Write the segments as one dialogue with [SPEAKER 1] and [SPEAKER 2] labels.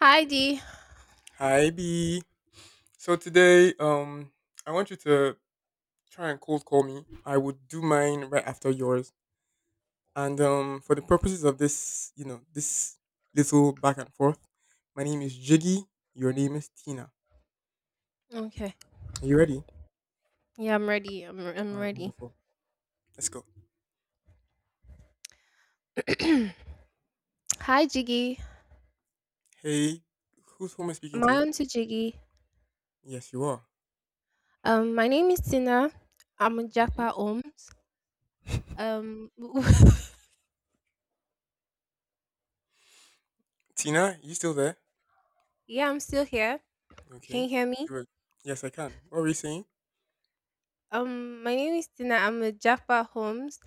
[SPEAKER 1] Hi D.
[SPEAKER 2] Hi B. So today, I want you to try and cold call me. I would do mine right after yours. And for the purposes of this, this little back and forth, my name is Jiggy. Your name is Tina.
[SPEAKER 1] Okay.
[SPEAKER 2] Are you ready?
[SPEAKER 1] Yeah, I'm ready. I'm
[SPEAKER 2] All right,
[SPEAKER 1] ready.
[SPEAKER 2] wonderful. Let's go.
[SPEAKER 1] Hi Jiggy.
[SPEAKER 2] Hey, who am I speaking
[SPEAKER 1] Am I
[SPEAKER 2] to?
[SPEAKER 1] on to Jiggy?
[SPEAKER 2] Yes, you are.
[SPEAKER 1] My name is Tina. I'm a
[SPEAKER 2] hmm
[SPEAKER 1] Japa Ohms. Um,
[SPEAKER 2] Tina, you still there?
[SPEAKER 1] yeah, I'm still here. Can
[SPEAKER 2] Okay.
[SPEAKER 1] you hear me?
[SPEAKER 2] Good. Yes, I can. What were you saying?
[SPEAKER 1] My name is Tina. I'm a Japa Homes.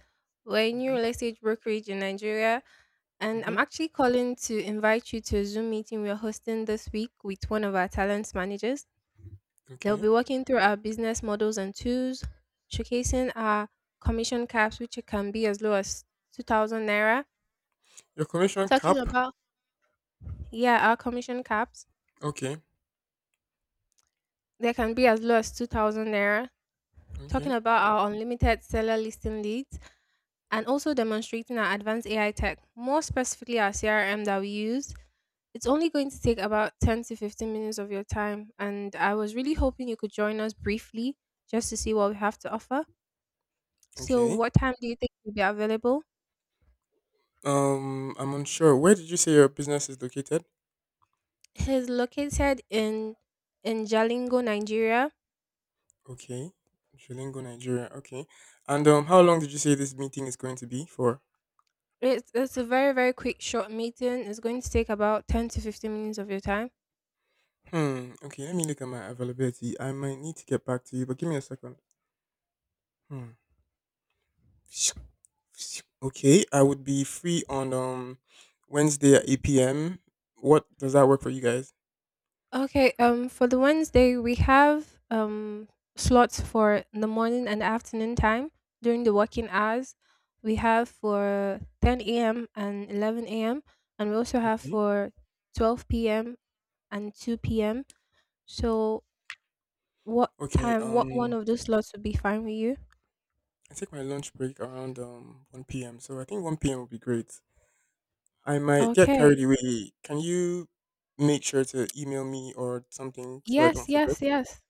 [SPEAKER 1] We're a new real
[SPEAKER 2] Hmm.
[SPEAKER 1] estate brokerage in Nigeria, and I'm
[SPEAKER 2] Hmm.
[SPEAKER 1] actually calling to invite you to a Zoom meeting we're hosting this week with one of our talent managers. They'll be
[SPEAKER 2] Okay.
[SPEAKER 1] walking through our business models and tools, showcasing our commission caps, which can be as low as 2000 naira.
[SPEAKER 2] Your commission
[SPEAKER 1] Talking
[SPEAKER 2] cap.
[SPEAKER 1] about, yeah, our commission caps,
[SPEAKER 2] Okay.
[SPEAKER 1] they can be as low as 2000 naira. Talking
[SPEAKER 2] Okay.
[SPEAKER 1] about our unlimited seller listing leads and also demonstrating our advanced AI tech, more specifically our CRM that we use. It's only going to take about 10 to 15 minutes of your time. And I was really hoping you could join us briefly just to see what we have to offer. So,
[SPEAKER 2] Okay.
[SPEAKER 1] what time do you think you'll be available?
[SPEAKER 2] I'm unsure. Where did you say your business is located?
[SPEAKER 1] He's located in Jalingo, Nigeria.
[SPEAKER 2] Okay, Julingo, Nigeria. Okay, and how long did you say this meeting is going to be for?
[SPEAKER 1] It's a very very quick short meeting. It's going to take about 10 to 15 minutes of your time.
[SPEAKER 2] Hmm. Okay, let me look at my availability. I might need to get back to you, but give me a second. Hmm. Okay, I would be free on Wednesday at 8 p.m. What does that work for you guys?
[SPEAKER 1] Okay. For the Wednesday we have slots for the morning and afternoon time during the working hours. We have for 10 a.m. and 11 a.m. and we also have
[SPEAKER 2] Okay.
[SPEAKER 1] for 12 p.m. and 2 p.m. So what
[SPEAKER 2] Okay.
[SPEAKER 1] time? What one of those slots would be fine with you?
[SPEAKER 2] I take my lunch break around 1 p.m. So I think 1 p.m. would be great. I might get
[SPEAKER 1] Okay,
[SPEAKER 2] carried away. Can you make sure to email me or something so I
[SPEAKER 1] yes,
[SPEAKER 2] don't forget?
[SPEAKER 1] yes, yes.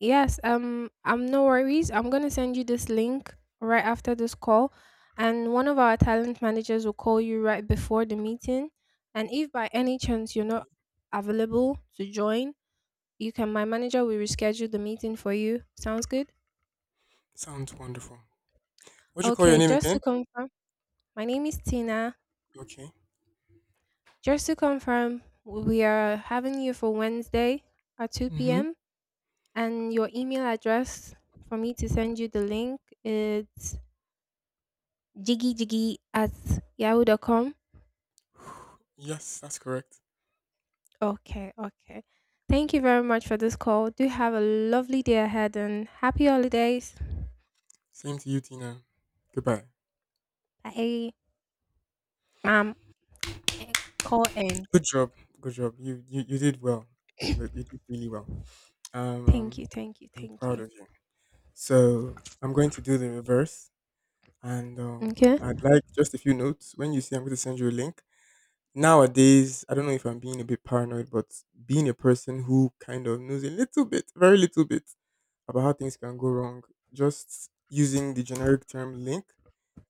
[SPEAKER 1] Yes, I'm no worries. I'm going to send you this link right after this call, and one of our talent managers will call you right before the meeting. And if by any chance you're not available to join, you can my manager will reschedule the meeting for you. Sounds good?
[SPEAKER 2] Sounds wonderful. What'd you call your
[SPEAKER 1] Okay,
[SPEAKER 2] name
[SPEAKER 1] just
[SPEAKER 2] again?
[SPEAKER 1] to confirm, my name is Tina.
[SPEAKER 2] Okay.
[SPEAKER 1] Just to confirm, we are having you for Wednesday at 2
[SPEAKER 2] Mm-hmm.
[SPEAKER 1] p.m. and your email address for me to send you the link is jiggyjiggy@yahoo.com.
[SPEAKER 2] Yes, that's correct.
[SPEAKER 1] Okay, okay. Thank you very much for this call. Do have a lovely day ahead and happy holidays.
[SPEAKER 2] Same to you, Tina. Goodbye.
[SPEAKER 1] Bye. Um, eh, call end.
[SPEAKER 2] Good job. Good job. You did well. You did really well. Um,
[SPEAKER 1] Thank
[SPEAKER 2] um,
[SPEAKER 1] you, thank you,
[SPEAKER 2] I'm
[SPEAKER 1] thank
[SPEAKER 2] proud
[SPEAKER 1] you.
[SPEAKER 2] of you. So I'm going to do the reverse, and
[SPEAKER 1] Okay.
[SPEAKER 2] I'd like just a few notes. When you see, I'm going to send you a link. Nowadays, I don't know if I'm being a bit paranoid, but being a person who kind of knows a little bit, very little bit about how things can go wrong, just using the generic term link,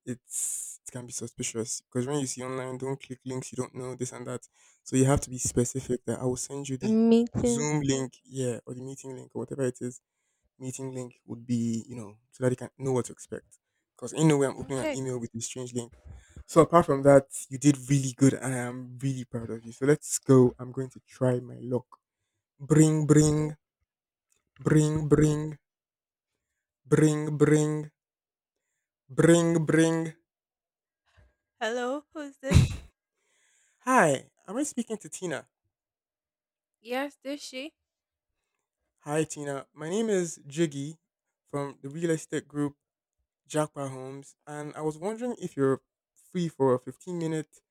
[SPEAKER 2] it can be suspicious because when you see online, don't click links you don't know this and that. So you have to be specific that I will send you the
[SPEAKER 1] Meeting.
[SPEAKER 2] Zoom link, yeah, or the meeting link or whatever it is meeting link would be, so that you can know what to expect. Because in no way I'm opening an
[SPEAKER 1] Okay.
[SPEAKER 2] email with a strange link. So apart from that, you did really good and I am really proud of you. So let's go. I'm going to try my luck. Bring, bring, bring, bring, bring, bring, bring, bring.
[SPEAKER 1] Hello, who's this?
[SPEAKER 2] Hi, am I speaking to Tina?
[SPEAKER 1] Yes, this she.
[SPEAKER 2] Hi, Tina. My name is Jiggy from the real estate group Jackpot Homes, and I was wondering if you're free for a 15-minute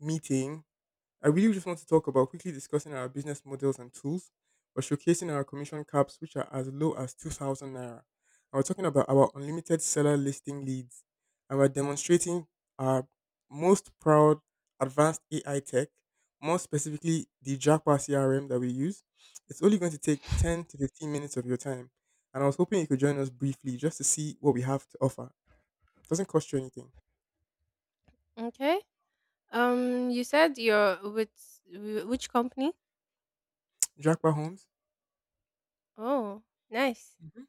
[SPEAKER 2] meeting. I really just want to talk about quickly discussing our business models and tools, but showcasing our commission caps, which are as low as 2,000 naira. I was talking about our unlimited seller listing leads, and we're demonstrating our most proud advanced AI tech, more specifically the Jackpot CRM that we use. It's only going to take 10 to 15 minutes of your time, and I was hoping you could join us briefly just to see what we have to offer. Doesn't cost you anything.
[SPEAKER 1] Okay. You said you're with which company?
[SPEAKER 2] Jackpot Homes.
[SPEAKER 1] Oh, nice.
[SPEAKER 2] Mhm.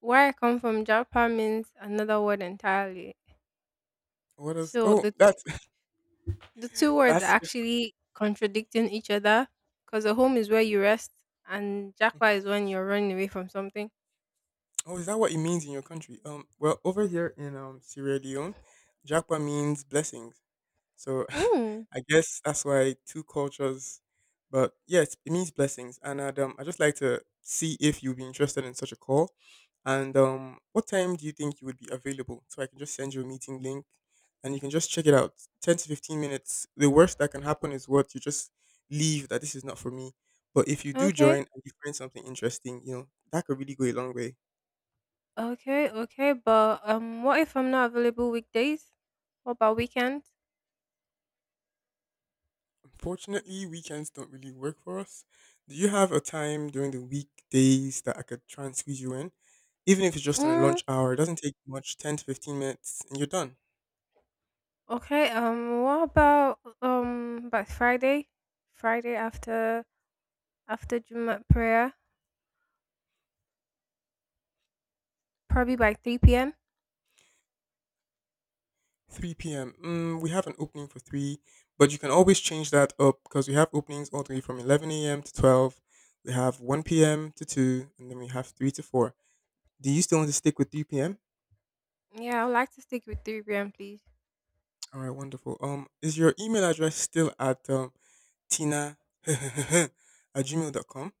[SPEAKER 1] Where I come from, Japa means another word entirely.
[SPEAKER 2] What else?
[SPEAKER 1] So
[SPEAKER 2] Oh,
[SPEAKER 1] the
[SPEAKER 2] that's
[SPEAKER 1] The two words are
[SPEAKER 2] that's
[SPEAKER 1] actually contradicting each other, because a home is where you rest and jakwa is when you're running away from something.
[SPEAKER 2] Oh, is that what it means in your country? Well, over here in Sierra Leone, Japa means blessings. So
[SPEAKER 1] Hmm.
[SPEAKER 2] I guess that's why two cultures. But yes, it means blessings, and I just like to see if you'd be interested in such a call. And what time do you think you would be available? So I can just send you a meeting link, and you can just check it out. 10 to 15 minutes. The worst that can happen is what you just leave that this is not for me. But if you do join
[SPEAKER 1] Okay.
[SPEAKER 2] and you find something interesting, that could really go a long way.
[SPEAKER 1] Okay. Okay. But what if I'm not available weekdays? What about weekends?
[SPEAKER 2] Fortunately, weekends don't really work for us. Do you have a time during the weekdays that I could try and squeeze you in? Even if it's just on a
[SPEAKER 1] Mm,
[SPEAKER 2] lunch hour, it doesn't take much 10 to 15 minutes and you're done.
[SPEAKER 1] okay. What about by Friday? Friday after Juma prayer, probably by 3 p.m.
[SPEAKER 2] 3 p.m. Mm, we have an opening for 3, but you can always change that up because we have openings all the way from 11 a.m. to 12. We have 1 p.m. to 2, and then we have 3 to 4. Do you still want to stick with 3 p.m.?
[SPEAKER 1] Yeah, I'd like to stick with 3 p.m., please.
[SPEAKER 2] All right, wonderful. Is your email address still at tina at Gmail.com?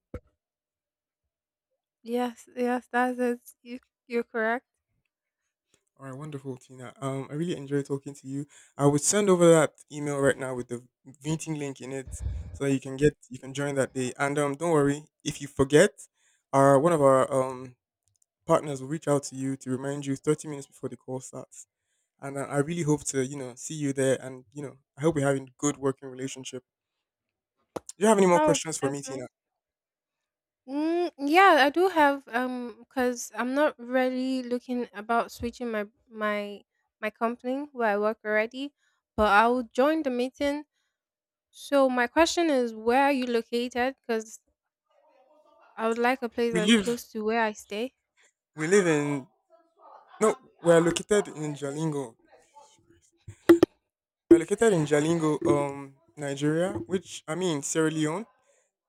[SPEAKER 1] Yes. Yes. That's it. You're correct.
[SPEAKER 2] All right, wonderful, Tina. I really enjoy talking to you. I would send over that email right now with the meeting link in it, so that you can join that day. And don't worry if you forget, our one of our partners will reach out to you to remind you 30 minutes before the call starts. And I really hope to see you there, and I hope we're having a good working relationship. Do you have any more
[SPEAKER 1] Oh,
[SPEAKER 2] questions for
[SPEAKER 1] that's
[SPEAKER 2] me,
[SPEAKER 1] nice.
[SPEAKER 2] Tina?
[SPEAKER 1] Mm, yeah, I do have because I'm not really looking about switching my company where I work already, but I will join the meeting. So my question is, where are you located? Because I would like a place
[SPEAKER 2] We
[SPEAKER 1] that's
[SPEAKER 2] live
[SPEAKER 1] close to where I stay.
[SPEAKER 2] we live in No, we're located in Jalingo. We're located in Jalingo, Nigeria, which I mean Sierra Leone.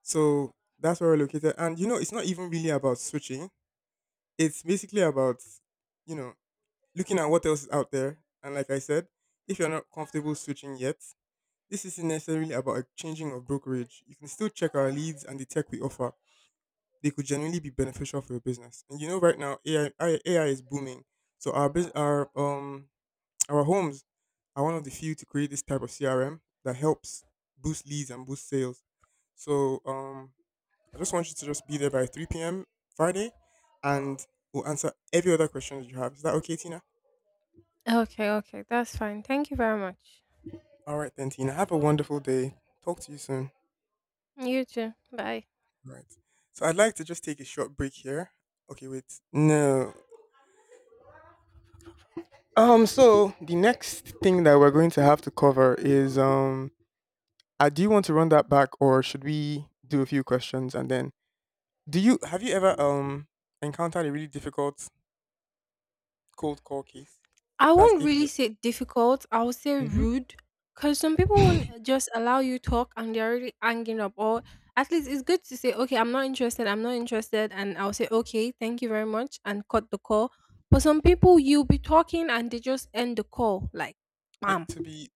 [SPEAKER 2] So that's where we're located. And it's not even really about switching. It's basically about, you know, looking at what else is out there. And like I said, if you're not comfortable switching yet, this isn't necessarily about a changing of brokerage. You can still check our leads and the tech we offer. They could genuinely be beneficial for your business. And right now AI is booming. So our bus- our homes are one of the few to create this type of CRM that helps boost leads and boost sales. So I just want you to just be there by 3 p.m. Friday, and we'll answer every other question that you have. Is that okay, Tina?
[SPEAKER 1] Okay, okay, that's fine. Thank you very much.
[SPEAKER 2] All right, then, Tina. Have a wonderful day. Talk to you soon.
[SPEAKER 1] You too. Bye.
[SPEAKER 2] Right. So I'd like to just take a short break here. Okay, wait. No. So the next thing that we're going to have to cover is I do you want to run that back, or should we do a few questions, and then do you have you ever encountered a really difficult cold call case?
[SPEAKER 1] I
[SPEAKER 2] That's
[SPEAKER 1] won't
[SPEAKER 2] if
[SPEAKER 1] really
[SPEAKER 2] you're.
[SPEAKER 1] say difficult. I would say rude, because some people won't
[SPEAKER 2] Mm-hmm.
[SPEAKER 1] just allow you talk, and they're already hanging up. Or at least it's good to say, okay, I'm not interested. I'm not interested, and I'll say, okay, thank you very much, and cut the call. But some people, you'll be talking and they just end the call, like,
[SPEAKER 2] Yeah,
[SPEAKER 1] bam.
[SPEAKER 2] to be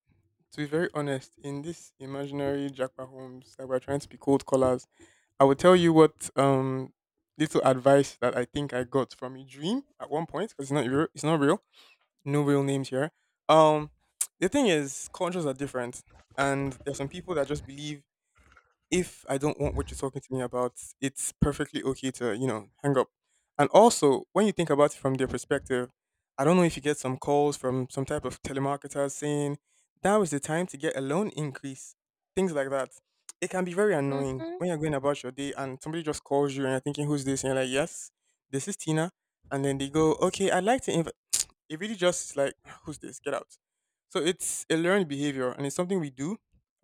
[SPEAKER 2] to be very honest, in this imaginary Jackpot Homes, that we're trying to be cold callers, I will tell you what little advice that I think I got from a dream at one point, because it's not real, it's not real. No real names here. Um, the thing is, cultures are different, and there's some people that just believe if I don't want what you're talking to me about, it's perfectly okay to, hang up. And also, when you think about it from their perspective, I don't know if you get some calls from some type of telemarketer saying, that was the time to get a loan increase, things like that. It can be very annoying
[SPEAKER 1] Mm-hmm,
[SPEAKER 2] when you're going about your day and somebody just calls you and you're thinking, who's this? And you're like, yes, this is Tina. And then they go, okay, I'd like to, inv- it really just is like, who's this? Get out. So it's a learned behavior and it's something we do.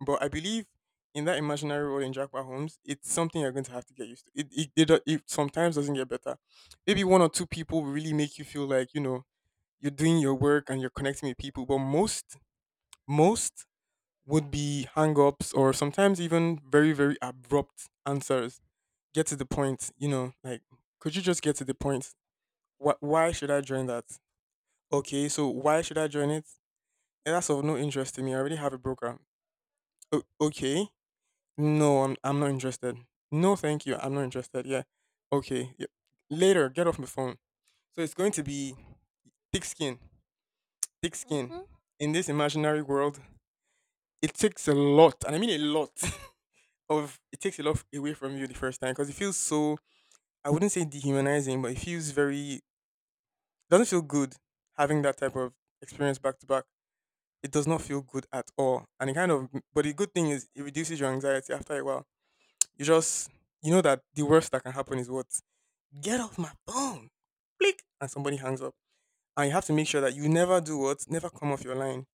[SPEAKER 2] But I believe in that imaginary world in Jackpot Homes, it's something you're going to have to get used to. It sometimes doesn't get better. Maybe one or two people will really make you feel like, you're doing your work and you're connecting with people. But most would be hang ups or sometimes even very, very abrupt answers. Get to the point, like, could you just get to the point? Why should I join that? Okay, so why should I join it? "Eh, that's of no interest to me. I already have a broker. Okay. No, I'm not interested. No, thank you. I'm not interested. Yeah. Okay. Yeah. Later, get off my phone. So it's going to be thick skin. Thick skin.
[SPEAKER 1] mm-hmm,
[SPEAKER 2] In this imaginary world, it takes a lot, and I mean a lot of it takes a lot away from you the first time because it feels so I wouldn't say dehumanizing, but it feels very doesn't feel good having that type of experience back to back. It does not feel good at all. And it kind of, but the good thing is it reduces your anxiety after a while. You just, you know that the worst that can happen is what? Get off my phone! Click! And somebody hangs up. And you have to make sure that you never do what? Never come off your line.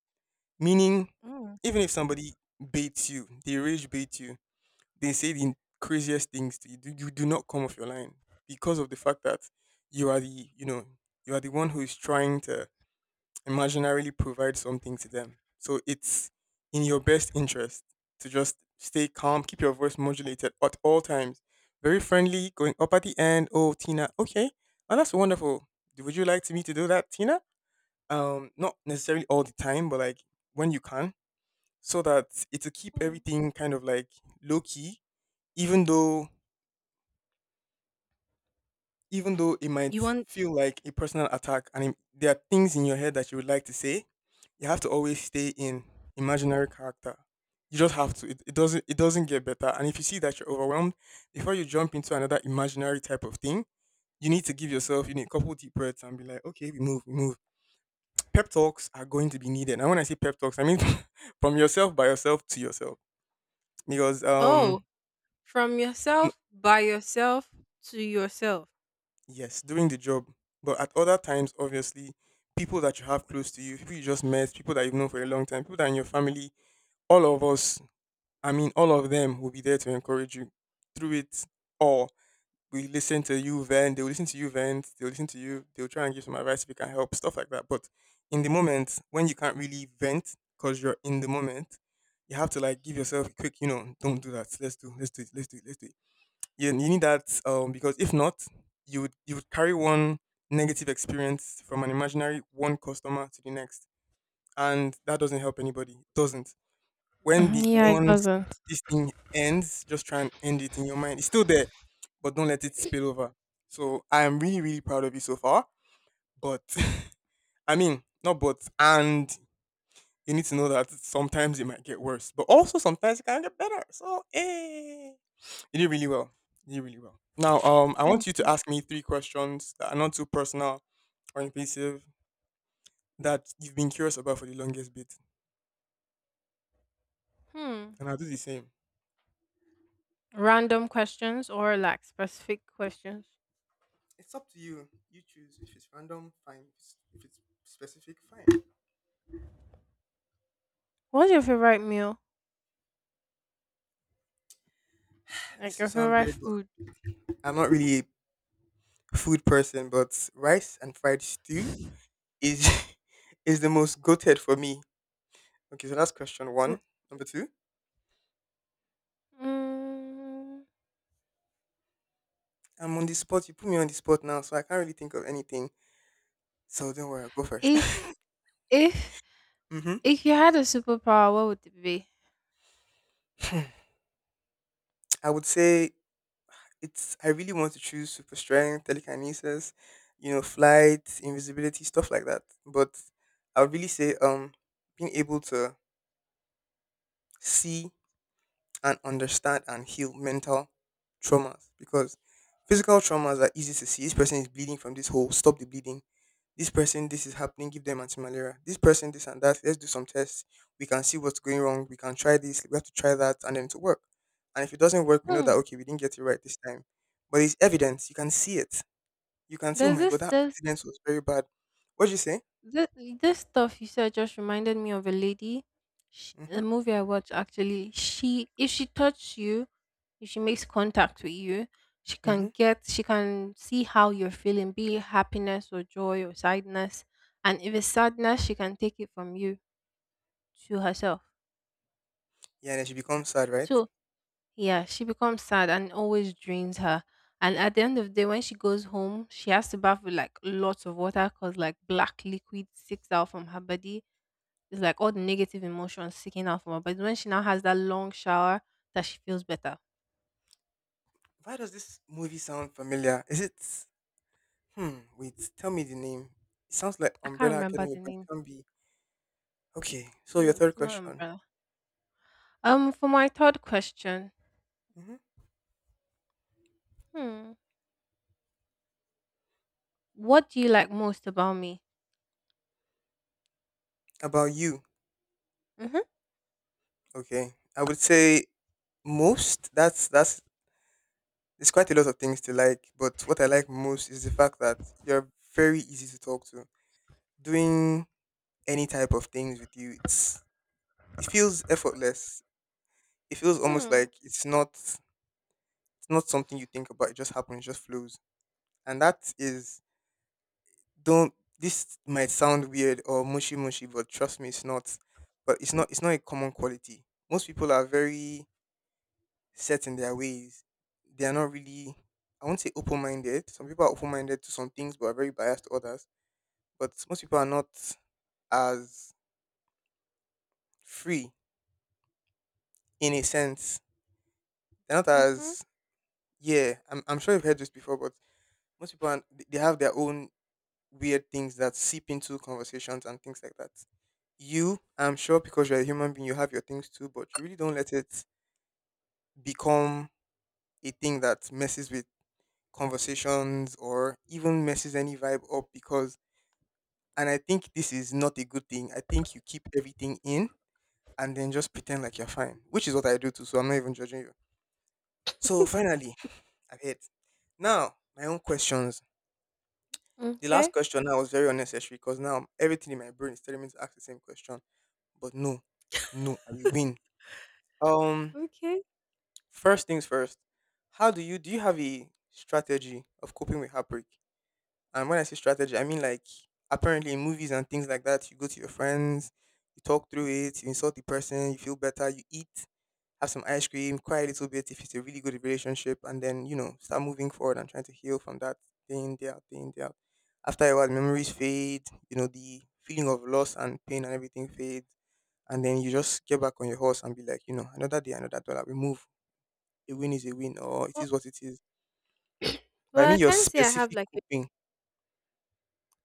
[SPEAKER 2] Meaning,
[SPEAKER 1] mm
[SPEAKER 2] even if somebody baits you, they rage bait you, they say the craziest things to you, you do not come off your line because of the fact that you are the, you know, you are the one who is trying to imaginarily provide something to them. So it's in your best interest to just stay calm, keep your voice modulated at all times. Very friendly, going up at the end. Oh, Tina, okay. Oh, that's wonderful. Would you like to me to do that, Tina? Not necessarily all the time, but like when you can, so that it'll keep
[SPEAKER 1] mm.
[SPEAKER 2] everything kind of like low key, even though it might
[SPEAKER 1] You want
[SPEAKER 2] feel like a personal attack, and there are things in your head that you would like to say. You have to always stay in imaginary character. You just have to. It doesn't get better. And if you see that you're overwhelmed, before you jump into another imaginary type of thing, you need to give yourself you need a couple deep breaths and be like, okay, we move, we move. Pep talks are going to be needed. And when I say pep talks, I mean from yourself by yourself to yourself. Because
[SPEAKER 1] Oh, from yourself by yourself to yourself.
[SPEAKER 2] yes, doing the job. But at other times, obviously, people that you have close to you, people you just met, people that you've known for a long time, people that are in your family, all of us, I mean, all of them will be there to encourage you through it all. We listen to you vent, they'll listen to you vent, they'll listen to you, they'll try and give some advice if you can help, stuff like that. But in the moment, when you can't really vent because you're in the moment, you have to like give yourself a quick, don't do that. Let's do it, let's do it, let's do it. You need that because if not, you would carry one negative experience from an imaginary one customer to the next, and that doesn't help anybody. It doesn't. When
[SPEAKER 1] Mhm,
[SPEAKER 2] the
[SPEAKER 1] yeah, it
[SPEAKER 2] Once
[SPEAKER 1] doesn't.
[SPEAKER 2] this thing ends, just try and end it in your mind. It's still there, but don't let it spill over. So I am really really proud of you so far, but I mean, not but and, you need to know that sometimes it might get worse but also sometimes it can get better, so hey, you did really well. You did really well. Now, I
[SPEAKER 1] Thank
[SPEAKER 2] want you to
[SPEAKER 1] you.
[SPEAKER 2] ask me three questions that are not too personal or invasive that you've been curious about for the longest bit,
[SPEAKER 1] Hmm.
[SPEAKER 2] and I'll do the same.
[SPEAKER 1] Random questions or like specific questions?
[SPEAKER 2] It's up to you. You choose. If it's random, fine. If it's specific, fine.
[SPEAKER 1] What's your favorite meal? Like
[SPEAKER 2] This will
[SPEAKER 1] your
[SPEAKER 2] sound
[SPEAKER 1] favorite
[SPEAKER 2] weird,
[SPEAKER 1] food?
[SPEAKER 2] but I'm not really a food person, but rice and fried stew is is the most goated for me. Okay, so that's question
[SPEAKER 1] R-
[SPEAKER 2] one. Number two,
[SPEAKER 1] Mm,
[SPEAKER 2] I'm on the spot. You put me on the spot now, so I can't really think of anything. So don't worry, I'll go first.
[SPEAKER 1] If if
[SPEAKER 2] Mm-hmm.
[SPEAKER 1] if you had a superpower, what would it be?
[SPEAKER 2] I would say it's I really want to choose super strength, telekinesis, flight, invisibility, stuff like that. But I would really say being able to see and understand and heal mental traumas, because physical traumas are easy to see. This person is bleeding from this hole, stop the bleeding. This person, this is happening, give them anti-malaria. This person, this and that. Let's do some tests. We can see what's going wrong. We can try this. We have to try that, and then to work. And if it doesn't work, we know that
[SPEAKER 1] Hmm.
[SPEAKER 2] okay, we didn't get it right this time. But it's evidence. You can see it. You can see. Oh
[SPEAKER 1] There's
[SPEAKER 2] my god,
[SPEAKER 1] this
[SPEAKER 2] that
[SPEAKER 1] there's
[SPEAKER 2] accident was very bad. What'd you say?
[SPEAKER 1] Th- this stuff you said just reminded me of a lady. Sh
[SPEAKER 2] Mm-hmm.
[SPEAKER 1] a movie I watched, actually. She, if she touches you, if she makes contact with you,
[SPEAKER 2] Mm-hmm.
[SPEAKER 1] she can see how you're feeling, be it happiness or joy or sadness. And if it's sadness, she can take it from you to herself.
[SPEAKER 2] Yeah, and then she becomes sad, right?
[SPEAKER 1] So yeah, she becomes sad and it always drains her. And at the end of the day, when she goes home, she has to bath with like lots of water, because like black liquid sticks out from her body. It's like all the negative emotions seeking out from her. But when she now has that long shower, that she feels better.
[SPEAKER 2] Why does this movie sound familiar? Is it? Hmm. Wait. Tell me the name. It sounds like
[SPEAKER 1] I can't
[SPEAKER 2] Umbrella
[SPEAKER 1] remember
[SPEAKER 2] Academy,
[SPEAKER 1] the
[SPEAKER 2] but it
[SPEAKER 1] name.
[SPEAKER 2] can't be. Okay. So your
[SPEAKER 1] No,
[SPEAKER 2] third
[SPEAKER 1] it's not
[SPEAKER 2] question.
[SPEAKER 1] umbrella. For my third question,
[SPEAKER 2] hmm
[SPEAKER 1] hmm, what do you like most about me?
[SPEAKER 2] about you.
[SPEAKER 1] Mm-hmm.
[SPEAKER 2] Okay. I would say most. That's It's quite a lot of things to like, but what I like most is the fact that you're very easy to talk to. Doing any type of things with you, it feels effortless. It feels almost
[SPEAKER 1] Hmm.
[SPEAKER 2] like it's not something you think about. It just happens, it just flows. And that is don't this might sound weird or mushy mushy, but trust me, it's not. But it's not a common quality. Most people are very set in their ways. They are not really, I won't say open minded. Some people are open minded to some things but are very biased to others. But most people are not as free in a sense. They're not
[SPEAKER 1] Mm-hmm.
[SPEAKER 2] as, yeah, I'm sure you've heard this before, but most people are, they have their own weird things that seep into conversations and things like that. You, I'm sure because you're a human being, you have your things too, but you really don't let it become a thing that messes with conversations or even messes any vibe up because. And I think this is not a good thing. I think you keep everything in and then just pretend like you're fine, which is what I do too. So I'm not even judging you. So finally, I've hit. Now, my own questions. The last
[SPEAKER 1] Okay.
[SPEAKER 2] question now was very unnecessary because now everything in my brain is telling me to ask the same question. But no, no, I will win. Um,
[SPEAKER 1] Okay.
[SPEAKER 2] First things first. How do? You have a strategy of coping with heartbreak? And when I say strategy, I mean, like, apparently in movies and things like that, you go to your friends, you talk through it, you insult the person, you feel better, you eat, have some ice cream, cry a little bit if it's a really good relationship, and then start moving forward and trying to heal from that, day in day out, day in day out. After a while, memories fade. You know the feeling of loss and pain and everything fades, and then you just get back on your horse and be like, you know, another day, another dollar. We move. A win is a win, or it
[SPEAKER 1] Oh,
[SPEAKER 2] is what it is. But I
[SPEAKER 1] well, I
[SPEAKER 2] mean your
[SPEAKER 1] can't say I have
[SPEAKER 2] specific
[SPEAKER 1] like a.
[SPEAKER 2] coping,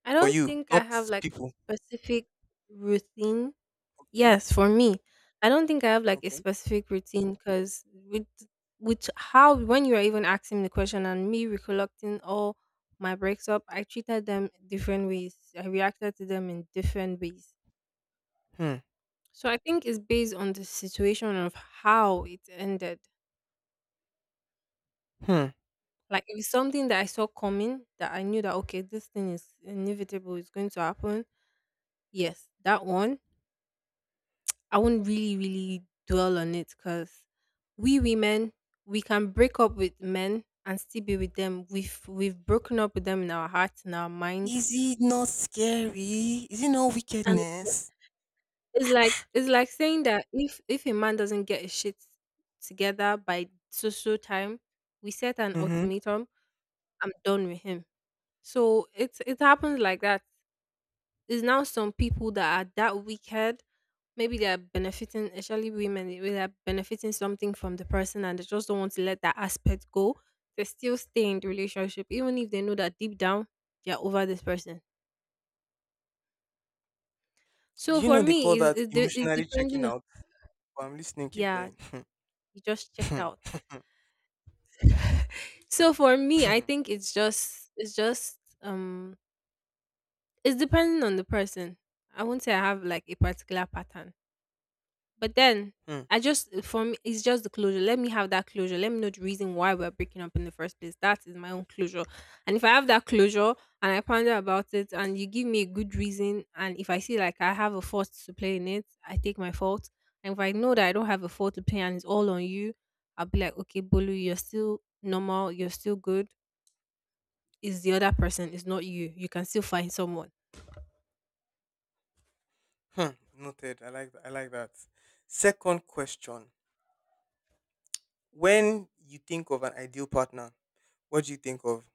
[SPEAKER 1] I
[SPEAKER 2] for
[SPEAKER 1] don't
[SPEAKER 2] you,
[SPEAKER 1] think I
[SPEAKER 2] not
[SPEAKER 1] have like
[SPEAKER 2] people.
[SPEAKER 1] a specific routine.
[SPEAKER 2] Okay?
[SPEAKER 1] Yes, for me, I don't think I have like a
[SPEAKER 2] Okay.
[SPEAKER 1] specific routine because with how, when you are even asking the question and me recollecting all my breaks up, I treated them different ways. I reacted to them in different ways.
[SPEAKER 2] Hmm.
[SPEAKER 1] So I think it's based on the situation of how it ended.
[SPEAKER 2] Hmm.
[SPEAKER 1] Like if it's something that I saw coming, that I knew that, okay, this thing is inevitable, it's going to happen. Yes, that one. I won't really, really dwell on it, because we women, we can break up with men and still be with them. We've broken up with them in our heart, in our mind.
[SPEAKER 2] Is it not scary? Is it not
[SPEAKER 1] And
[SPEAKER 2] wickedness?
[SPEAKER 1] it's like saying that, if a man doesn't get his shit together by so so time, we set an
[SPEAKER 2] Mm-hmm.
[SPEAKER 1] ultimatum, I'm done with him. So it happens like that. It's now some people that are that wicked. Maybe they are benefiting, especially women, they are benefiting something from the person and they just don't want to let that aspect go. They still stay in the relationship, even if they know that deep down they're over this person.
[SPEAKER 2] Do
[SPEAKER 1] So
[SPEAKER 2] you
[SPEAKER 1] for
[SPEAKER 2] know they call
[SPEAKER 1] me, is
[SPEAKER 2] that
[SPEAKER 1] is de- is
[SPEAKER 2] emotionally checking
[SPEAKER 1] depending on.
[SPEAKER 2] out? But I'm listening. Keep
[SPEAKER 1] Yeah,
[SPEAKER 2] going.
[SPEAKER 1] you just checked out. So for me, I think it's depending on the person. I won't say I have like a particular pattern. But then
[SPEAKER 2] Hmm.
[SPEAKER 1] I just for me, it's just the closure. Let me have that closure. Let me know the reason why we're breaking up in the first place. That is my own closure. And if I have that closure and I ponder about it and you give me a good reason, and if I see like I have a fault to play in it, I take my fault. And if I know that I don't have a fault to play and it's all on you, I'll be like, okay, Bolu, you're still normal, you're still good. It's the other person, it's not you. You can still find someone.
[SPEAKER 2] Hmm. Noted. I like that. Second question. When you think of an ideal partner, what do you think of?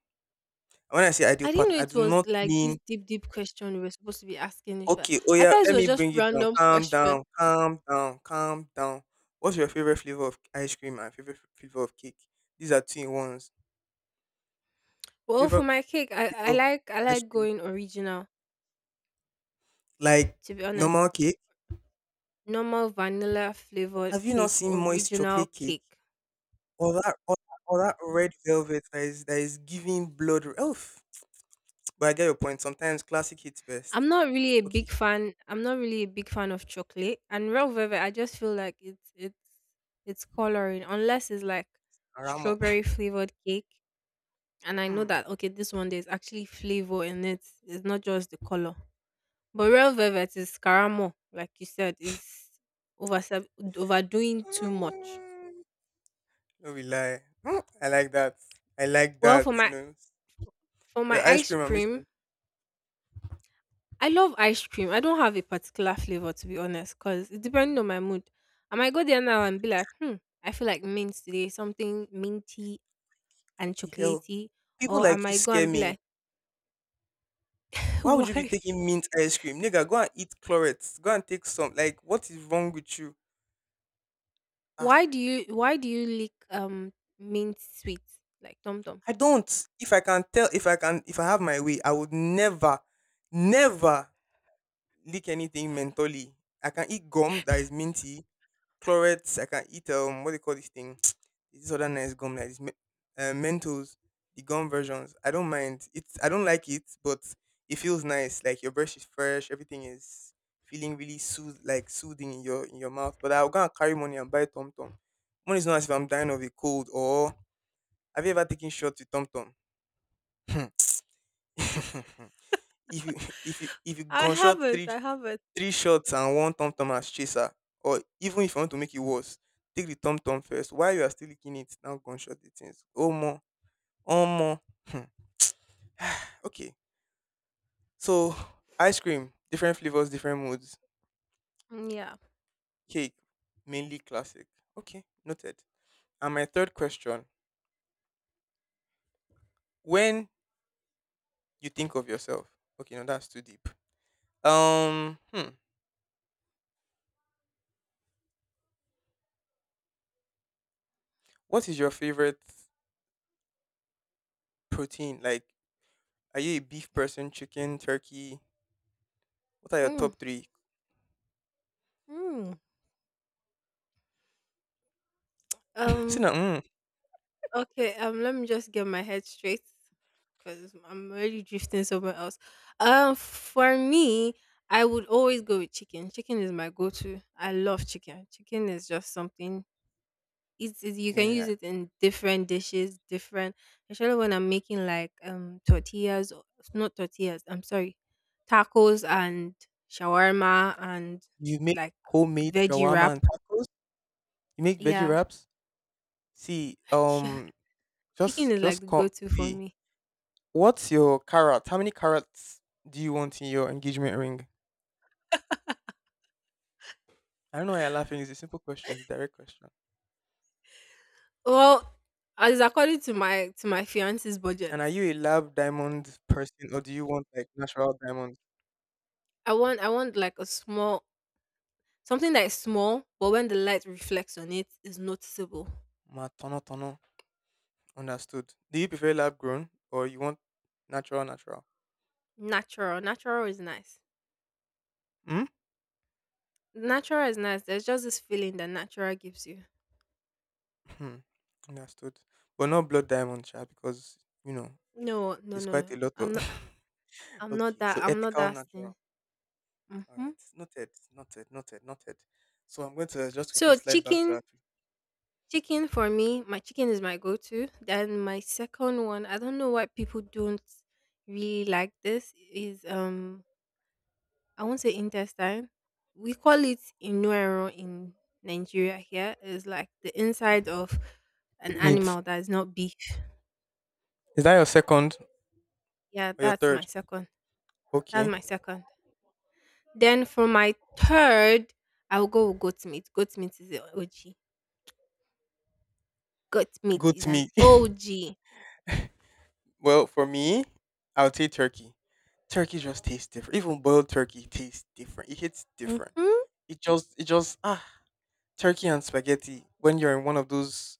[SPEAKER 2] When I say ideal
[SPEAKER 1] I didn't know
[SPEAKER 2] partner, I
[SPEAKER 1] it
[SPEAKER 2] do
[SPEAKER 1] was
[SPEAKER 2] not
[SPEAKER 1] like this
[SPEAKER 2] mean.
[SPEAKER 1] deep, deep question we were supposed to be asking each other.
[SPEAKER 2] Okay, oh
[SPEAKER 1] I
[SPEAKER 2] yeah,
[SPEAKER 1] thought it
[SPEAKER 2] let
[SPEAKER 1] was
[SPEAKER 2] me
[SPEAKER 1] just
[SPEAKER 2] bring it down.
[SPEAKER 1] random
[SPEAKER 2] Calm
[SPEAKER 1] question.
[SPEAKER 2] down, calm down, calm down. What's your favorite flavor of ice cream and favorite flavor of cake? These are two in ones.
[SPEAKER 1] Well, for
[SPEAKER 2] Favorite
[SPEAKER 1] my cake, I, I
[SPEAKER 2] flavor of
[SPEAKER 1] like I
[SPEAKER 2] ice
[SPEAKER 1] like
[SPEAKER 2] cream,
[SPEAKER 1] going original.
[SPEAKER 2] like
[SPEAKER 1] To be honest,
[SPEAKER 2] normal cake.
[SPEAKER 1] normal vanilla flavored
[SPEAKER 2] Have you not
[SPEAKER 1] cake,
[SPEAKER 2] seen moist
[SPEAKER 1] original
[SPEAKER 2] chocolate cake
[SPEAKER 1] cake.
[SPEAKER 2] or that red velvet that is giving blood? Oof. But I get your point. Sometimes classic hits best.
[SPEAKER 1] I'm not really a
[SPEAKER 2] Okay,
[SPEAKER 1] big fan. I'm not really a big fan of chocolate and real velvet. I just feel like it's coloring, unless it's like
[SPEAKER 2] Aramo.
[SPEAKER 1] strawberry flavored cake. And I know
[SPEAKER 2] Hmm.
[SPEAKER 1] that, okay, this one there's actually flavor in it. It's not just the color. But real velvet is Karamo, like you said, is over overdoing too much.
[SPEAKER 2] Mm, no, we lie. Hmm, I like that. I like
[SPEAKER 1] Well,
[SPEAKER 2] that.
[SPEAKER 1] for
[SPEAKER 2] You
[SPEAKER 1] my
[SPEAKER 2] know,
[SPEAKER 1] for
[SPEAKER 2] for
[SPEAKER 1] my
[SPEAKER 2] your ice
[SPEAKER 1] ice
[SPEAKER 2] cream, I'm
[SPEAKER 1] cream,
[SPEAKER 2] listening.
[SPEAKER 1] I love ice cream. I don't have a particular flavor, to be honest, cause it depending on my mood. I might go there now and be like, hmm, I feel like mint today, something minty
[SPEAKER 2] Why
[SPEAKER 1] and
[SPEAKER 2] the hell?
[SPEAKER 1] chocolatey,
[SPEAKER 2] People
[SPEAKER 1] or I
[SPEAKER 2] like you
[SPEAKER 1] might go
[SPEAKER 2] scare
[SPEAKER 1] and be
[SPEAKER 2] me.
[SPEAKER 1] like,
[SPEAKER 2] Why would you be
[SPEAKER 1] why,
[SPEAKER 2] taking mint ice cream? Nigga, go and eat chlorets. Go and take some. Like, what is wrong with you?
[SPEAKER 1] why
[SPEAKER 2] Ah,
[SPEAKER 1] do you why do you lick mint sweets like Tom Tom?
[SPEAKER 2] I don't. If I can tell, if I have my way, I would never, never lick anything mentally. I can eat gum that is minty. Clorets. I can eat what do you call this thing? This other nice gum like this. Mentos, the gum versions. I don't mind. It's I don't like it, but it feels nice. Like your brush is fresh. Everything is feeling really like soothing in your mouth. But I'll go and carry money and buy Tom Tom. Money is not, as if I'm dying of a cold, or have you ever taken shots with Tom Tom? If you if you
[SPEAKER 1] I
[SPEAKER 2] gunshot
[SPEAKER 1] haven't,
[SPEAKER 2] three
[SPEAKER 1] I haven't.
[SPEAKER 2] three shots and one tom tom as chaser. Or even if you want to make it worse, take the tom tom first. While you are still licking it, now gunshot the things. Oh more, oh more. Hmm. Okay, so ice cream, different flavors, different moods.
[SPEAKER 1] Mm, yeah.
[SPEAKER 2] Cake, mainly classic. Okay, noted. And my third question: when you think of yourself, okay, no, that's too deep. Um, hmm, what is your favorite protein? Like, are you a beef person, chicken, turkey? What are your
[SPEAKER 1] Mm.
[SPEAKER 2] top three?
[SPEAKER 1] Mm.
[SPEAKER 2] See
[SPEAKER 1] Um.
[SPEAKER 2] now,
[SPEAKER 1] Okay, let me just get my head straight, because I'm already drifting somewhere else. For me, I would always go with chicken. Chicken is my go-to. I love chicken. Chicken is just something. It's you can use
[SPEAKER 2] yeah,
[SPEAKER 1] it in different dishes, different. Especially when I'm making like tortillas, not tortillas. I'm sorry, tacos and shawarma and
[SPEAKER 2] you make
[SPEAKER 1] like
[SPEAKER 2] homemade
[SPEAKER 1] veggie
[SPEAKER 2] shawarma
[SPEAKER 1] wrap.
[SPEAKER 2] and tacos. You make veggie
[SPEAKER 1] Yeah,
[SPEAKER 2] wraps. See,
[SPEAKER 1] yeah. Chicken
[SPEAKER 2] just
[SPEAKER 1] is like
[SPEAKER 2] just
[SPEAKER 1] the
[SPEAKER 2] come.
[SPEAKER 1] go-to for
[SPEAKER 2] See,
[SPEAKER 1] me.
[SPEAKER 2] what's your carrot? How many carrots do you want in your engagement ring? I don't know why you're laughing. It's a simple question. It's a direct question.
[SPEAKER 1] Well, as according to my fiance's budget,
[SPEAKER 2] And are you a lab diamond person or do you want like natural diamonds?
[SPEAKER 1] I want like a small something that is small, but when the light reflects on it, is noticeable.
[SPEAKER 2] Ma tono tono. Understood. Do you prefer lab grown or you want natural?
[SPEAKER 1] Natural, natural is nice.
[SPEAKER 2] Hmm.
[SPEAKER 1] Natural is nice. There's just this feeling that natural gives you.
[SPEAKER 2] Hmm. Understood. But not blood diamond, child, because you know
[SPEAKER 1] No, no,
[SPEAKER 2] there's
[SPEAKER 1] no, no.
[SPEAKER 2] quite a lot of.
[SPEAKER 1] I'm not. I'm not
[SPEAKER 2] Okay, so
[SPEAKER 1] that. I'm not
[SPEAKER 2] ethical
[SPEAKER 1] that thing.
[SPEAKER 2] natural. All
[SPEAKER 1] Hmm.
[SPEAKER 2] right. Noted. Noted. Noted. Noted. So I'm going to just quickly
[SPEAKER 1] So
[SPEAKER 2] slide back to
[SPEAKER 1] chicken,
[SPEAKER 2] our
[SPEAKER 1] chicken for me. My chicken is my go-to. Then my second one. I don't know why people don't really like this. Is I won't say intestine. We call it inuero in Nigeria here. It's like the inside of an
[SPEAKER 2] meat.
[SPEAKER 1] animal that is not beef.
[SPEAKER 2] Is that your second
[SPEAKER 1] Yeah,
[SPEAKER 2] or your
[SPEAKER 1] that's my
[SPEAKER 2] third?
[SPEAKER 1] second. That's
[SPEAKER 2] Okay.
[SPEAKER 1] my second. Then for my third, I'll go with goat meat. Goat meat is an OG. Goat meat
[SPEAKER 2] Goat
[SPEAKER 1] is an
[SPEAKER 2] meat.
[SPEAKER 1] OG.
[SPEAKER 2] Well, for me, I would say turkey. Turkey just tastes different. Even boiled turkey tastes different. It hits different.
[SPEAKER 1] Mm-hmm.
[SPEAKER 2] It just it just turkey and spaghetti when you're in one of those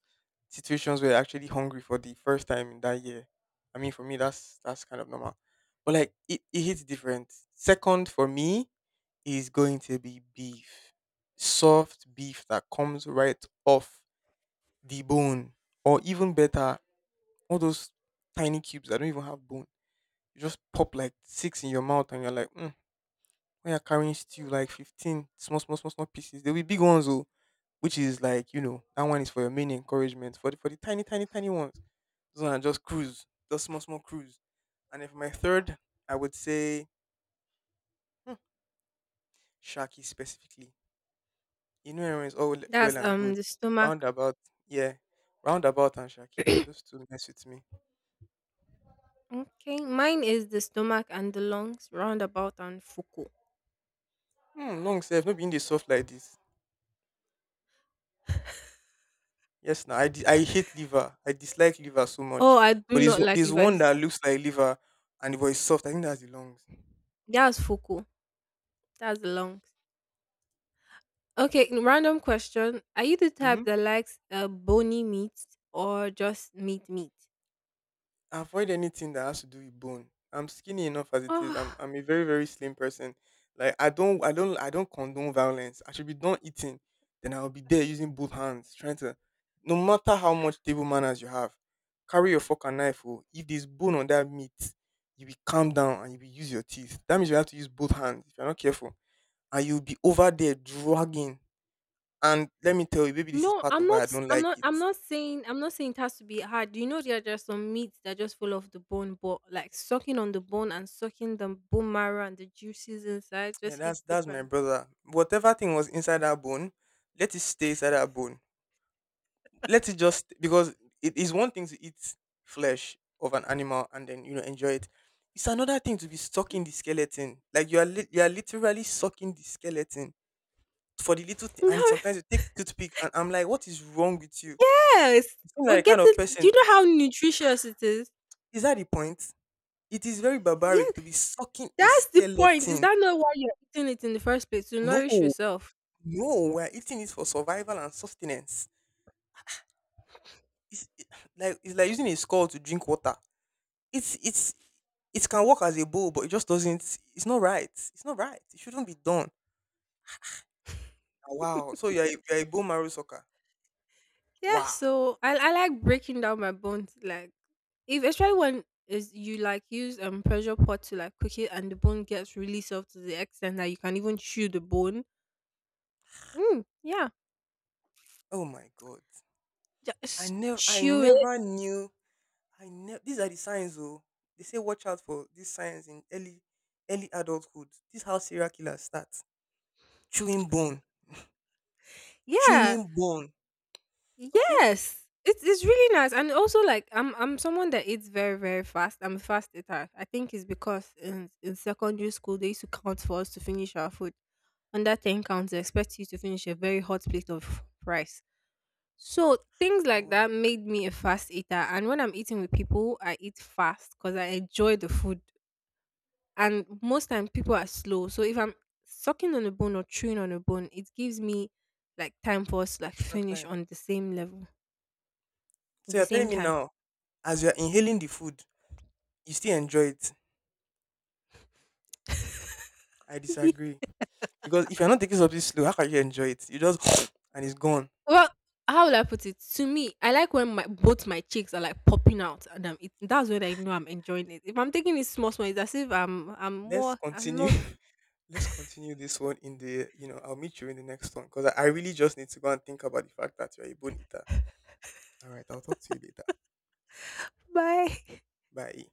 [SPEAKER 2] situations where you're actually hungry for the first time in that year. I mean for me that's kind of normal. But like it hits different. Second for me is going to be beef. Soft beef that comes right off the bone. Or even better, all those tiny cubes that don't even have bone. You just pop like six in your mouth and you're like, mm, when you're carrying stew, like 15 small, small, small, small pieces. There'll be big ones, though, which is like, you know, that one is for your main encouragement. For the tiny, tiny, tiny ones, those ones are just cruise, just small, small cruise. And if my third, I would say hmm, Shaki specifically. You know everyone is all well well
[SPEAKER 1] That's
[SPEAKER 2] and good.
[SPEAKER 1] the stomach.
[SPEAKER 2] Roundabout, yeah. Roundabout and Shaki. Those two mess with me.
[SPEAKER 1] Okay, mine is the stomach and the lungs, roundabout and fuku.
[SPEAKER 2] Hmm, long self, not being the soft like this. Yes, I hate liver. I dislike liver so
[SPEAKER 1] Oh,
[SPEAKER 2] much.
[SPEAKER 1] I do
[SPEAKER 2] But
[SPEAKER 1] not like
[SPEAKER 2] there's
[SPEAKER 1] liver.
[SPEAKER 2] one that looks like liver and it was soft. I think that's the lungs.
[SPEAKER 1] That's fuku. That's the lungs. Okay, random question. Are you the
[SPEAKER 2] Mm-hmm.
[SPEAKER 1] type that likes bony meat or just meat meat?
[SPEAKER 2] Avoid anything that has to do with bone. I'm skinny enough as it is. I'm
[SPEAKER 1] Oh
[SPEAKER 2] I'm a very very slim person. Like I don't condone violence. I should be done eating, then I'll be there using both hands trying to. No matter how much table manners you have, carry your fork and knife. Oh, if there's bone on that meat, you be calm down and you be use your teeth. That means you have to use both hands if you're not careful, and you'll be over there dragging. And let me tell you, maybe this is
[SPEAKER 1] no,
[SPEAKER 2] part of
[SPEAKER 1] I'm
[SPEAKER 2] why
[SPEAKER 1] not
[SPEAKER 2] I
[SPEAKER 1] s-
[SPEAKER 2] don't like it.
[SPEAKER 1] I'm not saying it has to be hard. You know there are just some meats that just fall off the bone, but like sucking on the bone and sucking the bone marrow and the juices inside
[SPEAKER 2] Yeah,
[SPEAKER 1] just
[SPEAKER 2] that's
[SPEAKER 1] hits
[SPEAKER 2] that's my
[SPEAKER 1] different.
[SPEAKER 2] brother. Whatever thing was inside that bone, let it stay inside that bone. Let it just because it is one thing to eat flesh of an animal and then you know enjoy it. It's another thing to be sucking the skeleton. Like you are literally sucking the skeleton for the little thing.
[SPEAKER 1] No,
[SPEAKER 2] And sometimes you take toothpick and I'm like, what is wrong with you? You
[SPEAKER 1] yes.
[SPEAKER 2] seem
[SPEAKER 1] We're
[SPEAKER 2] like the kind
[SPEAKER 1] getting.
[SPEAKER 2] of
[SPEAKER 1] Do you
[SPEAKER 2] person.
[SPEAKER 1] know how nutritious it is?
[SPEAKER 2] Is that the point? It is very barbaric
[SPEAKER 1] Yes,
[SPEAKER 2] to be sucking a
[SPEAKER 1] that's the point. Is
[SPEAKER 2] skeleton.
[SPEAKER 1] that not why you're eating it in the first place? To
[SPEAKER 2] No,
[SPEAKER 1] nourish yourself.
[SPEAKER 2] no, we are eating it for survival and sustenance. it's it- like it's like using a skull to drink water. It's it can work as a bowl, but it just doesn't. It's not right. It's not right. It shouldn't be done. Ah, wow. So you're a bone marrow sucker.
[SPEAKER 1] Yeah,
[SPEAKER 2] Wow.
[SPEAKER 1] so I like breaking down my bones like if, especially when is you like use pressure pot to like cook it and the bone gets really soft, to the extent that you can even chew the bone. Mm, yeah.
[SPEAKER 2] Oh my god. I
[SPEAKER 1] Just
[SPEAKER 2] never I
[SPEAKER 1] chew it.
[SPEAKER 2] never knew. I never. These are the signs, though. They say watch out for these signs in early adulthood. This is how serial killers start. Chewing bone.
[SPEAKER 1] Yeah.
[SPEAKER 2] Chewing bone. Okay.
[SPEAKER 1] Yes. It's really nice. And also like I'm someone that eats very, very fast. I'm a fast eater. I think it's because in secondary school they used to count for us to finish our food. Under ten counts they expect you to finish a very hot plate of rice. So things
[SPEAKER 2] Now,
[SPEAKER 1] like
[SPEAKER 2] wow.
[SPEAKER 1] that made me a fast eater. And when I'm eating with people, I eat fast because I enjoy the food. And most time people are slow. So if I'm sucking on a bone or chewing on a bone, it gives me like time for us to like
[SPEAKER 2] Extra
[SPEAKER 1] finish
[SPEAKER 2] time.
[SPEAKER 1] on the same level,
[SPEAKER 2] So
[SPEAKER 1] the
[SPEAKER 2] you're telling
[SPEAKER 1] same
[SPEAKER 2] me
[SPEAKER 1] time.
[SPEAKER 2] now, as you're inhaling the food, you still enjoy it. I disagree. Because if you're not taking something slow, how can you enjoy it? You just and it's gone.
[SPEAKER 1] Well, how will I put it? To me, I like when my both my cheeks are like popping out, and I'm eating. That's when I know I'm enjoying it. If I'm taking it small, small, it's as if I'm
[SPEAKER 2] Let's
[SPEAKER 1] more, I'm
[SPEAKER 2] continue.
[SPEAKER 1] not.
[SPEAKER 2] Let's continue this one in the, I'll meet you in the next one. Because I really just need to go and think about the fact that you're a bone eater. Alright, I'll talk to you later.
[SPEAKER 1] Bye.
[SPEAKER 2] Bye.